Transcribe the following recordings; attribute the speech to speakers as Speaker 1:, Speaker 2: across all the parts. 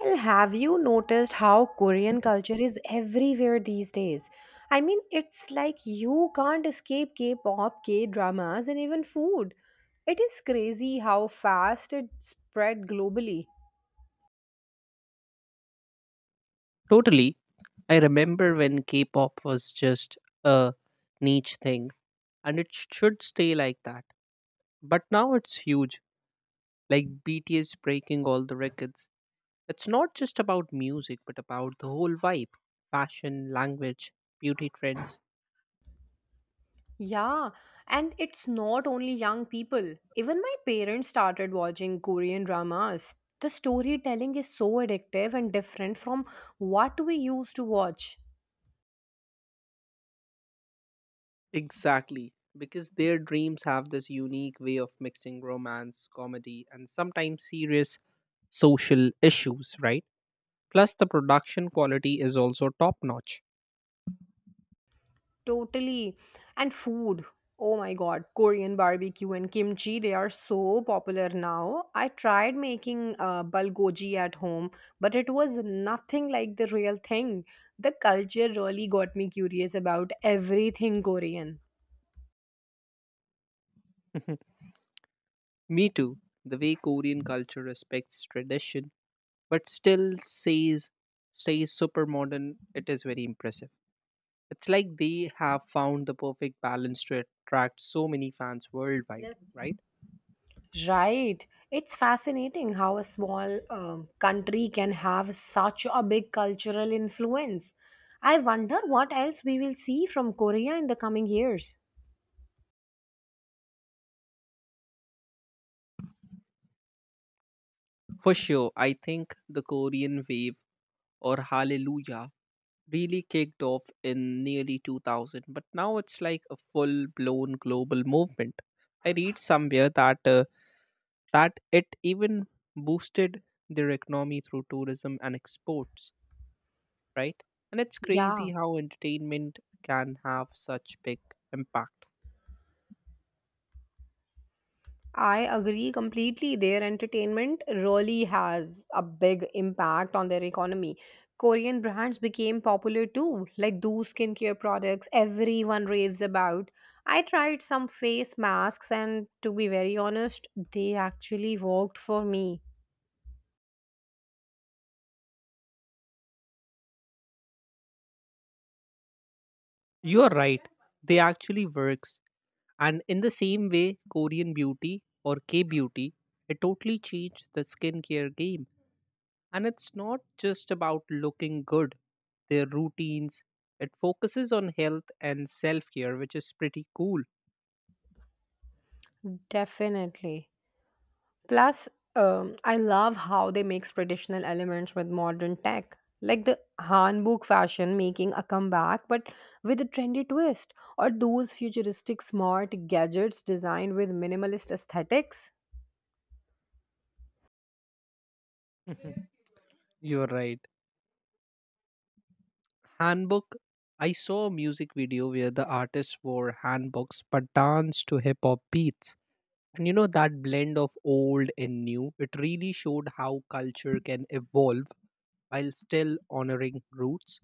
Speaker 1: Well, have you noticed how Korean culture is everywhere these days? I mean, it's like you can't escape K pop, K dramas, and even food. It is crazy how fast it spread globally.
Speaker 2: Totally. I remember when K pop was just a niche thing, and it should stay like that. But now it's huge, like BTS breaking all the records. It's not just about music, but about the whole vibe fashion, language, beauty trends.
Speaker 1: Yeah, and it's not only young people. Even my parents started watching Korean dramas. The storytelling is so addictive and different from what we used to watch.
Speaker 2: Exactly. Because their dreams have this unique way of mixing romance, comedy, and sometimes serious social issues, right? Plus, the production quality is also top notch.
Speaker 1: Totally. And food. Oh my god, Korean barbecue and kimchi, they are so popular now. I tried making bulgogi at home, but it was nothing like the real thing. The culture really got me curious about everything Korean.
Speaker 2: Me too. The way Korean culture respects tradition but still says stays super modern, it is very impressive. It's like they have found the perfect balance to attract so many fans worldwide, yeah, right?
Speaker 1: Right. It's fascinating how a small country can have such a big cultural influence. I wonder what else we will see from Korea in the coming years.
Speaker 2: For sure, I think the Korean wave or Hallelujah really kicked off in nearly 2000, but now it's like a full blown global movement. I read somewhere that that it even boosted their economy through tourism and exports, right? And it's crazy
Speaker 1: Yeah.
Speaker 2: how entertainment can have such big impact.
Speaker 1: I agree completely. Their entertainment really has a big impact on their economy. Korean brands became popular too, like those skincare products everyone raves about. I tried some face masks, and to be very honest, they actually worked for me.
Speaker 2: You're right. They actually works. And in the same way, Korean beauty or K beauty, it totally changed the skincare game. And it's not just about looking good, their routines. It focuses on health and self care, which is pretty cool.
Speaker 1: Definitely. Plus, I love how they mix traditional elements with modern tech, like the Hanbok fashion making a comeback but with a trendy twist, or those futuristic smart gadgets designed with minimalist aesthetics.
Speaker 2: Mhm. You're right. Handbook. I saw a music video where the artist wore handbooks but danced to hip hop beats. And you know that blend of old and new, it really showed how culture can evolve while still honoring roots.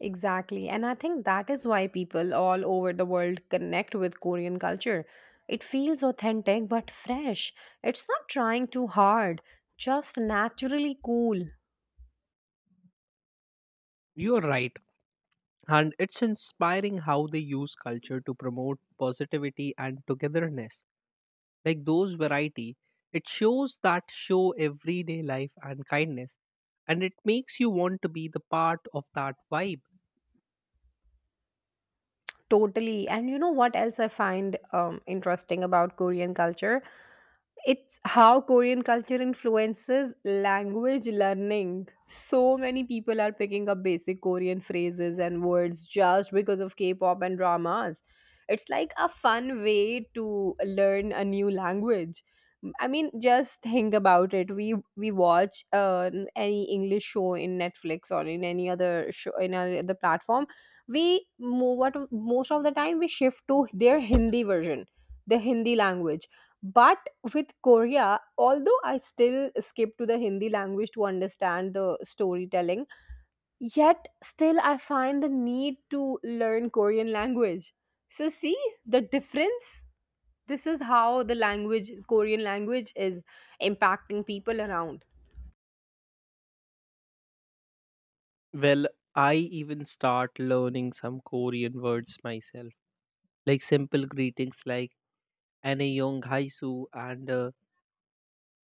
Speaker 1: Exactly, and I think that is why people all over the world connect with Korean culture. It feels authentic but fresh. It's not trying too hard, just naturally cool.
Speaker 2: You're right. And it's inspiring how they use culture to promote positivity and togetherness. Like those variety, it shows that show everyday life and kindness, and it makes you want to be the part of that vibe.
Speaker 1: Totally. And you know what else I find interesting about Korean culture? It's how Korean culture influences language learning. So many people are picking up basic Korean phrases and words just because of K pop and dramas. It's like a fun way to learn a new language. I mean, just think about it. We watch any English show in Netflix or in any other show in any other platform we what most of the time we shift to their hindi version, the hindi language, but with korea, although I still skip to the hindi language to understand the storytelling, yet still I find the need to learn korean language. So see the difference. This is how the language, korean language, is impacting people around.
Speaker 2: Well, I even start learning some Korean words myself, like simple greetings like "aneyong haisu" and uh,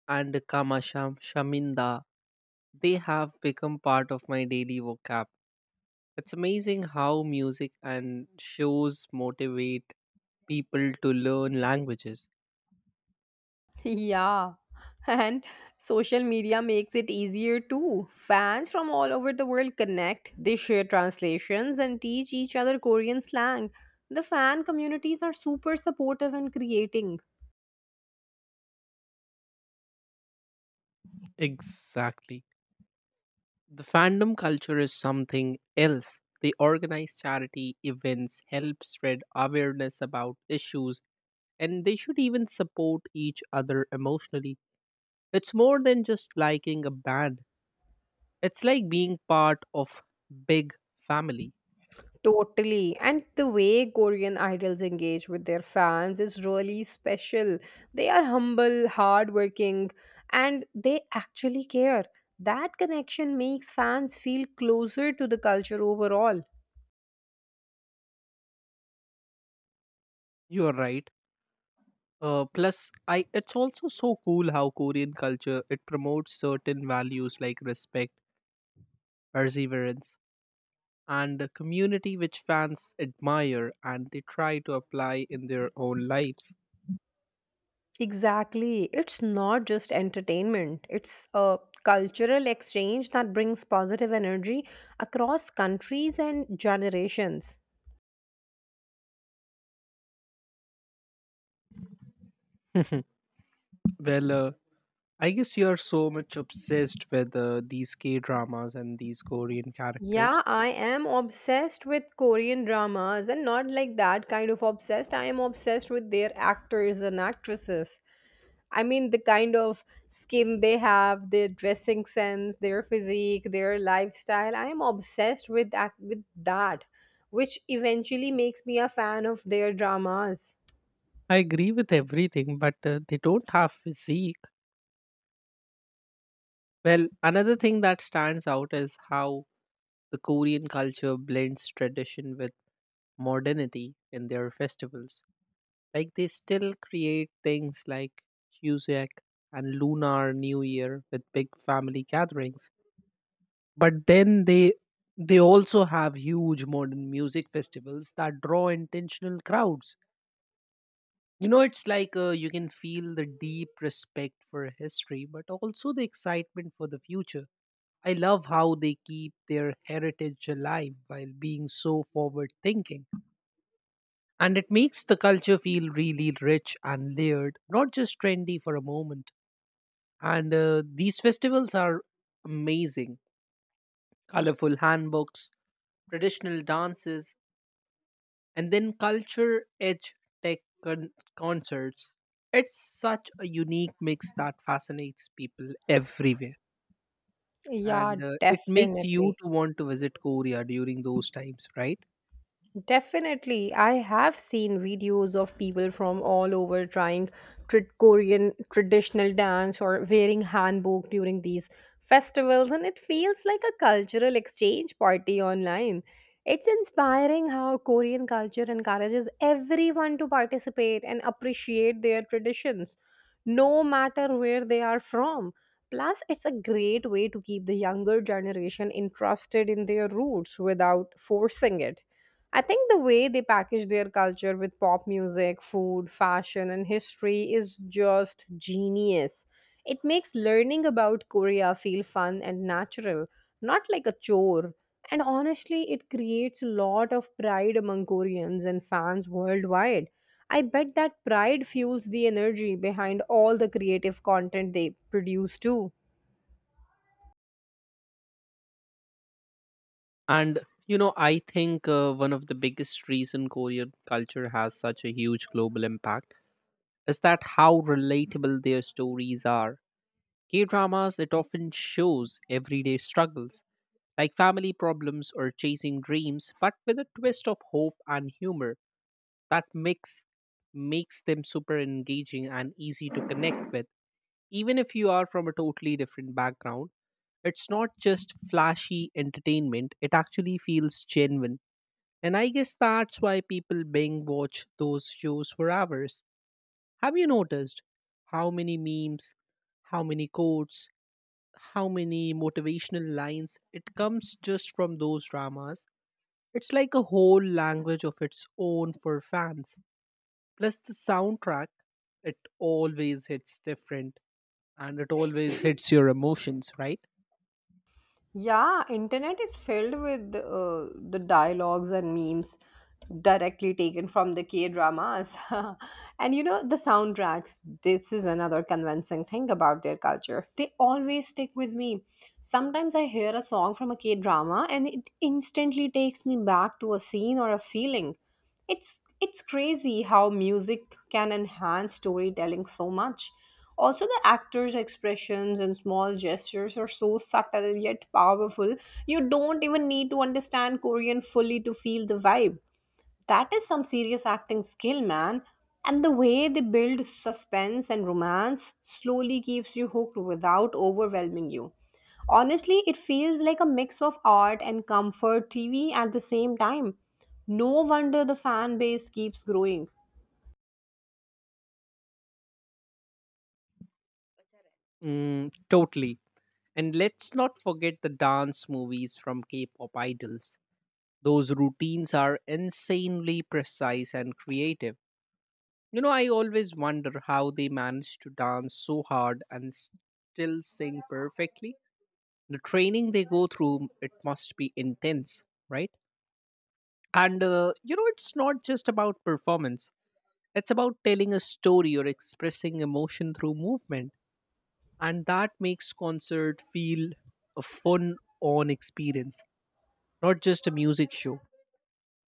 Speaker 2: and "kamasham shaminda." They have become part of my daily vocab. It's amazing how music and shows motivate people to learn languages.
Speaker 1: Yeah, and social media makes it easier too. Fans from all over the world connect, they share translations, and teach each other Korean slang. The fan communities are super supportive and creating.
Speaker 2: Exactly. The fandom culture is something else. They organize charity events, help spread awareness about issues, and they should even support each other emotionally. It's more than just liking a band. It's like being part of big family.
Speaker 1: Totally. And the way Korean idols engage with their fans is really special. They are humble, hardworking, and they actually care. That connection makes fans feel closer to the culture overall.
Speaker 2: You are right. Plus, I it's also so cool how Korean culture it promotes certain values like respect, perseverance, and a community which fans admire and they try to apply in their own lives.
Speaker 1: Exactly. It's not just entertainment, it's a cultural exchange that brings positive energy across countries and generations.
Speaker 2: Well, I guess you are so much obsessed with these K dramas and these Korean characters.
Speaker 1: Yeah, I am obsessed with Korean dramas and not like that kind of obsessed. I am obsessed with their actors and actresses. I mean, the kind of skin they have, their dressing sense, their physique, their lifestyle. I am obsessed with that, which eventually makes me a fan of their dramas.
Speaker 2: I agree with everything, but they don't have physique. Well, another thing that stands out is how the Korean culture blends tradition with modernity in their festivals. Like they still create things like Cusack and Lunar New Year with big family gatherings. But then they also have huge modern music festivals that draw intentional crowds. You know, it's like you can feel the deep respect for history, but also the excitement for the future. I love how they keep their heritage alive while being so forward thinking. And it makes the culture feel really rich and layered, not just trendy for a moment. And these festivals are amazing colorful handbooks, traditional dances, and then culture edge tech con- concerts. It's such a unique mix that fascinates people everywhere.
Speaker 1: Yeah,
Speaker 2: And it makes you
Speaker 1: definitely.
Speaker 2: to want to visit Korea during those times, right?
Speaker 1: Definitely. I have seen videos of people from all over trying Korean traditional dance or wearing hanbok during these festivals, and it feels like a cultural exchange party online. It's inspiring how Korean culture encourages everyone to participate and appreciate their traditions, no matter where they are from. Plus, it's a great way to keep the younger generation interested in their roots without forcing it. I think the way they package their culture with pop music, food, fashion, and history is just genius. It makes learning about Korea feel fun and natural, not like a chore. And honestly, it creates a lot of pride among Koreans and fans worldwide. I bet that pride fuels the energy behind all the creative content they produce too.
Speaker 2: And you know, I think one of the biggest reason Korean culture has such a huge global impact is that how relatable their stories are. K dramas, it often shows everyday struggles like family problems or chasing dreams, but with a twist of hope and humor. That mix makes them super engaging and easy to connect with, even if you are from a totally different background. It's not just flashy entertainment, it actually feels genuine, and I guess that's why people binge watch those shows for hours. Have you noticed how many memes, how many quotes, how many motivational lines it comes just from those dramas? It's like a whole language of its own for fans. Plus the soundtrack, it always hits different and it always hits your emotions, right?
Speaker 1: Yeah, internet is filled with the dialogues and memes directly taken from the K dramas. And you know, the soundtracks, this is another convincing thing about their culture. They always stick with me. Sometimes I hear a song from a K drama and it instantly takes me back to a scene or a feeling. It's crazy how music can enhance storytelling so much. Also the actors' expressions and small gestures are so subtle yet powerful. You don't even need to understand Korean fully to feel the vibe. That is some serious acting skill, man. And the way they build suspense and romance slowly keeps you hooked without overwhelming you. Honestly, it feels like a mix of art and comfort TV at the same time. No wonder the fan base keeps growing.
Speaker 2: Mm, totally. And let's not forget the dance movies from K pop idols. Those routines are insanely precise and creative. You know, I always wonder how they manage to dance so hard and still sing perfectly. The training they go through, it must be intense, right? And, you know, it's not just about performance, it's about telling a story or expressing emotion through movement, and that makes concert feel a fun on experience, not just a music show.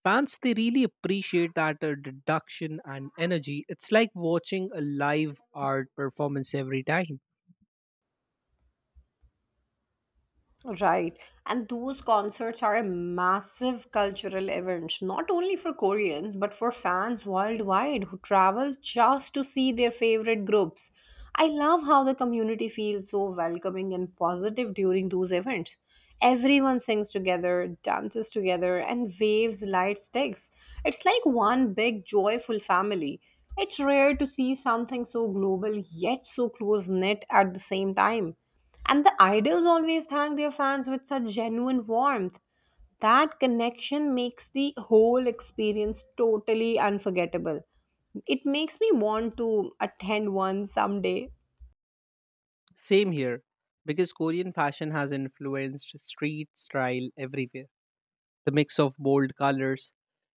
Speaker 2: Fans they really appreciate that deduction and energy. It's like watching a live art performance every time.
Speaker 1: Right. And those concerts are a massive cultural event, not only for Koreans, but for fans worldwide who travel just to see their favorite groups. I love how the community feels so welcoming and positive during those events. Everyone sings together, dances together, and waves light sticks. It's like one big joyful family. It's rare to see something so global yet so close knit at the same time. And the idols always thank their fans with such genuine warmth. That connection makes the whole experience totally unforgettable. It makes me want to attend one someday.
Speaker 2: Same here, because Korean fashion has influenced street style everywhere. The mix of bold colors,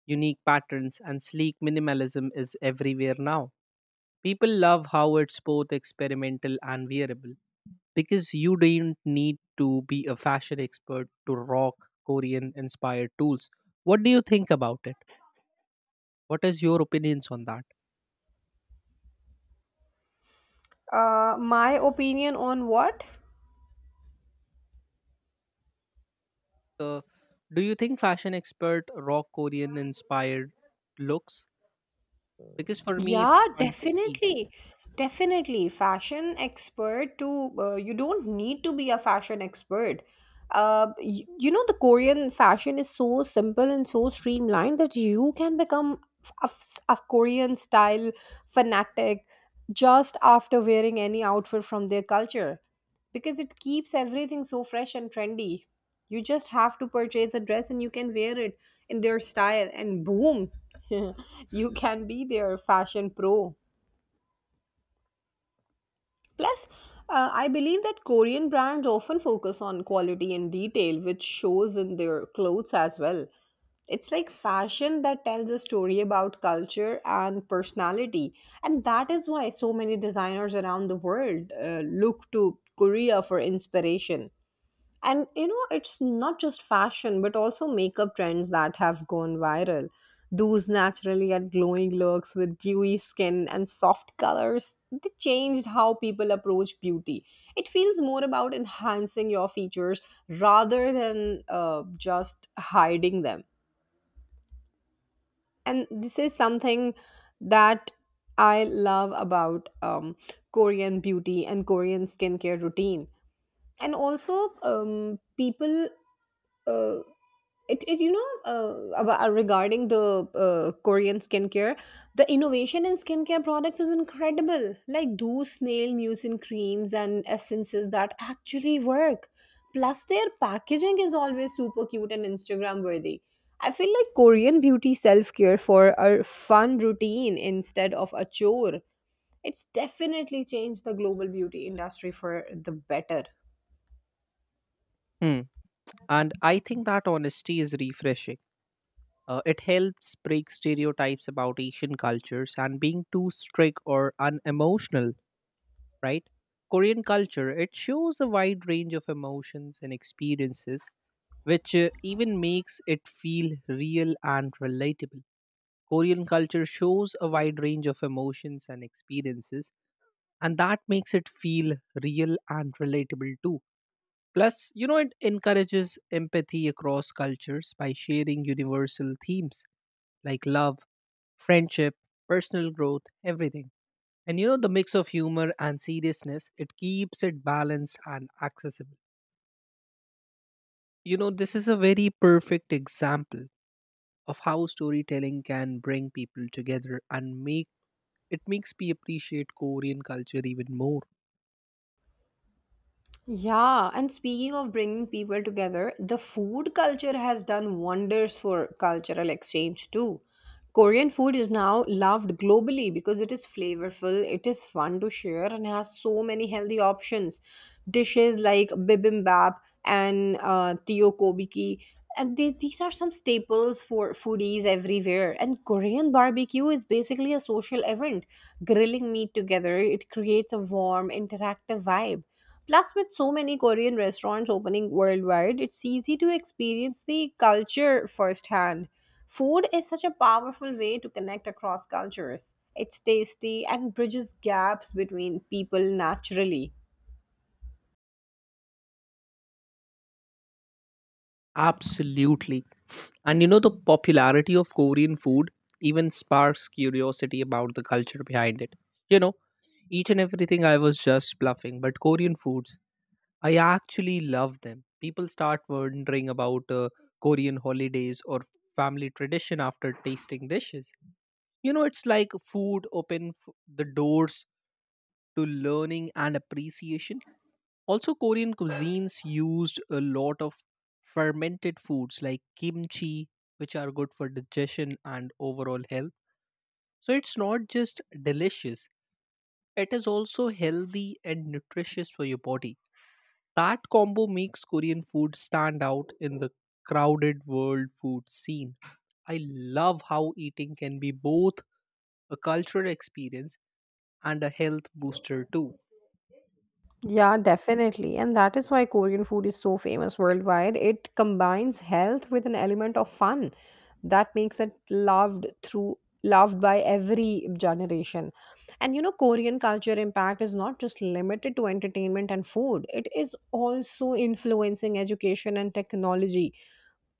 Speaker 2: unique patterns, and sleek minimalism is everywhere now. People love how it's both experimental and wearable because you don't need to be a fashion expert to rock Korean inspired tools. What do you think about it? What is your opinions on that?
Speaker 1: My opinion on what?
Speaker 2: Uh, do you think fashion expert rock Korean inspired looks? Because for me, it's
Speaker 1: Yeah,
Speaker 2: fun to see.
Speaker 1: definitely. Definitely. Fashion expert to you don't need to be a fashion expert. You, you know, the Korean fashion is so simple and so streamlined that you can become a, a Korean style fanatic just after wearing any outfit from their culture because it keeps everything so fresh and trendy. You just have to purchase a dress and you can wear it in their style, and boom, you can be their fashion pro. Plus, I believe that Korean brands often focus on quality and detail, which shows in their clothes as well. It's like fashion that tells a story about culture and personality. And that is why so many designers around the world look to Korea for inspiration. And you know, it's not just fashion, but also makeup trends that have gone viral. Those naturally had glowing looks with dewy skin and soft colors. They changed how people approach beauty. It feels more about enhancing your features rather than just hiding them. And this is something that I love about Korean beauty and Korean skincare routine. And also, people uh, it, it you know about, regarding the korean skincare, the innovation in skincare products is incredible, like those snail mucin creams and essences that actually work. Plus their packaging is always super cute and instagram worthy. I feel like korean beauty self-care for a fun routine instead of a chore. It's definitely changed the global beauty industry for the better.
Speaker 2: Hmm. And I think that honesty is refreshing. It helps break stereotypes about Asian cultures and being too strict or unemotional, right? Korean culture, it shows a wide range of emotions and experiences, which even makes it feel real and relatable. Korean culture shows a wide range of emotions and experiences, and that makes it feel real and relatable too. Plus, you know, it encourages empathy across cultures by sharing universal themes like love, friendship, personal growth, everything. And you know, the mix of humor and seriousness, it keeps it balanced and accessible. You know, this is a very perfect example of how storytelling can bring people together and make it makes me appreciate Korean culture even more.
Speaker 1: Yeah, and speaking of bringing people together, the food culture has done wonders for cultural exchange too. Korean food is now loved globally because it is flavorful, it is fun to share, and has so many healthy options. Dishes like bibimbap and tteokbokki, these are some staples for foodies everywhere. And Korean barbecue is basically a social event, grilling meat together. It creates a warm, interactive vibe. Plus, with so many Korean restaurants opening worldwide, it's easy to experience the culture firsthand. Food is such a powerful way to connect across cultures. It's tasty and bridges gaps between people naturally.
Speaker 2: Absolutely. And you know, the popularity of Korean food even sparks curiosity about the culture behind it. You know, each and everything I was just bluffing, but Korean foods, I actually love them. People start wondering about Korean holidays or family tradition after tasting dishes. You know, it's like food open the doors to learning and appreciation. Also, Korean cuisines used a lot of fermented foods like kimchi, which are good for digestion and overall health. So, it's not just delicious, it is also healthy and nutritious for your body. That combo makes Korean food stand out in the crowded world food scene. I love how eating can be both a cultural experience and a health booster, too.
Speaker 1: Yeah, definitely. And that is why Korean food is so famous worldwide. It combines health with an element of fun that makes it loved by every generation. And you know, Korean culture impact is not just limited to entertainment and food. It is also influencing education and technology,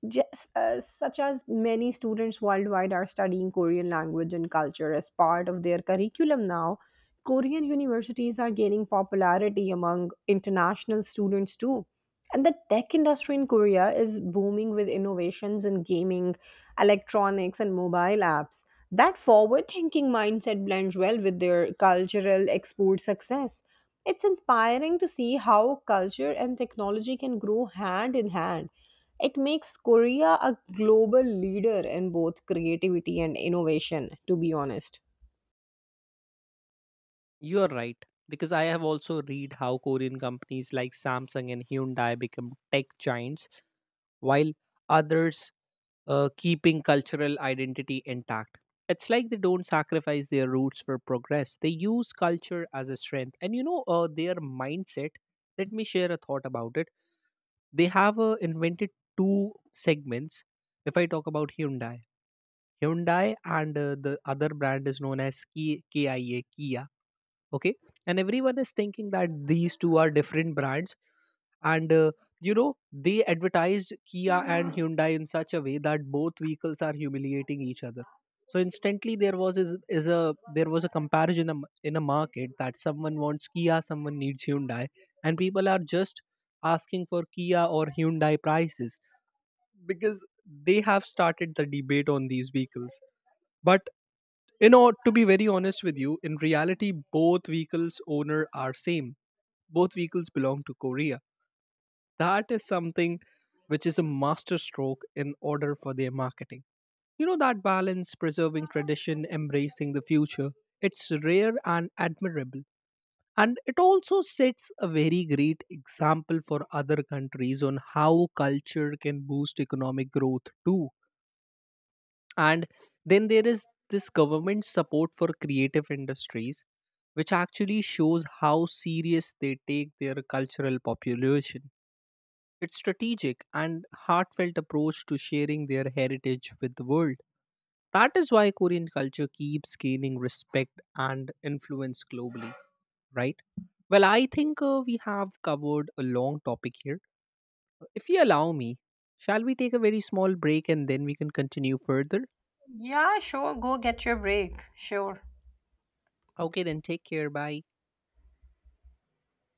Speaker 1: such as many students worldwide are studying Korean language and culture as part of their curriculum now. Korean universities are gaining popularity among international students too. And the tech industry in Korea is booming with innovations in gaming, electronics, and mobile apps. That forward thinking mindset blends well with their cultural export success. It's inspiring to see how culture and technology can grow hand in hand. It makes Korea a global leader in both creativity and innovation, to be honest.
Speaker 2: You are right because I have also read how Korean companies like Samsung and Hyundai become tech giants while others keeping cultural identity intact. It's like they don't sacrifice their roots for progress. They use culture as a strength. And you know their mindset, let me share a thought about it. They have invented two segments. If I talk about Hyundai, Hyundai and the other brand is known as KIA Kia, okay, and everyone is thinking that these two are different brands, and you know they advertised Kia and Hyundai in such a way that both vehicles are humiliating each other. So instantly there was is a there was a comparison in a market that someone wants Kia, someone needs Hyundai, and people are just asking for Kia or Hyundai prices because they have started the debate on these vehicles. But you know, to be very honest with you, in reality both vehicles owner are same. Both vehicles belong to Korea. That is something which is a master stroke in order for their marketing. You know that balance, preserving tradition, embracing the future, it's rare and admirable. And it also sets a very great example for other countries on how culture can boost economic growth too. And then there is this government support for creative industries, which actually shows how serious they take their cultural population. It's strategic and heartfelt approach to sharing their heritage with the world. That is why Korean culture keeps gaining respect and influence globally, right? Well, I think we have covered a long topic here. If you allow me, shall we take a very small break and then we can continue further?
Speaker 1: Yeah, sure. Go get your break. Sure.
Speaker 2: Okay, then take care. Bye.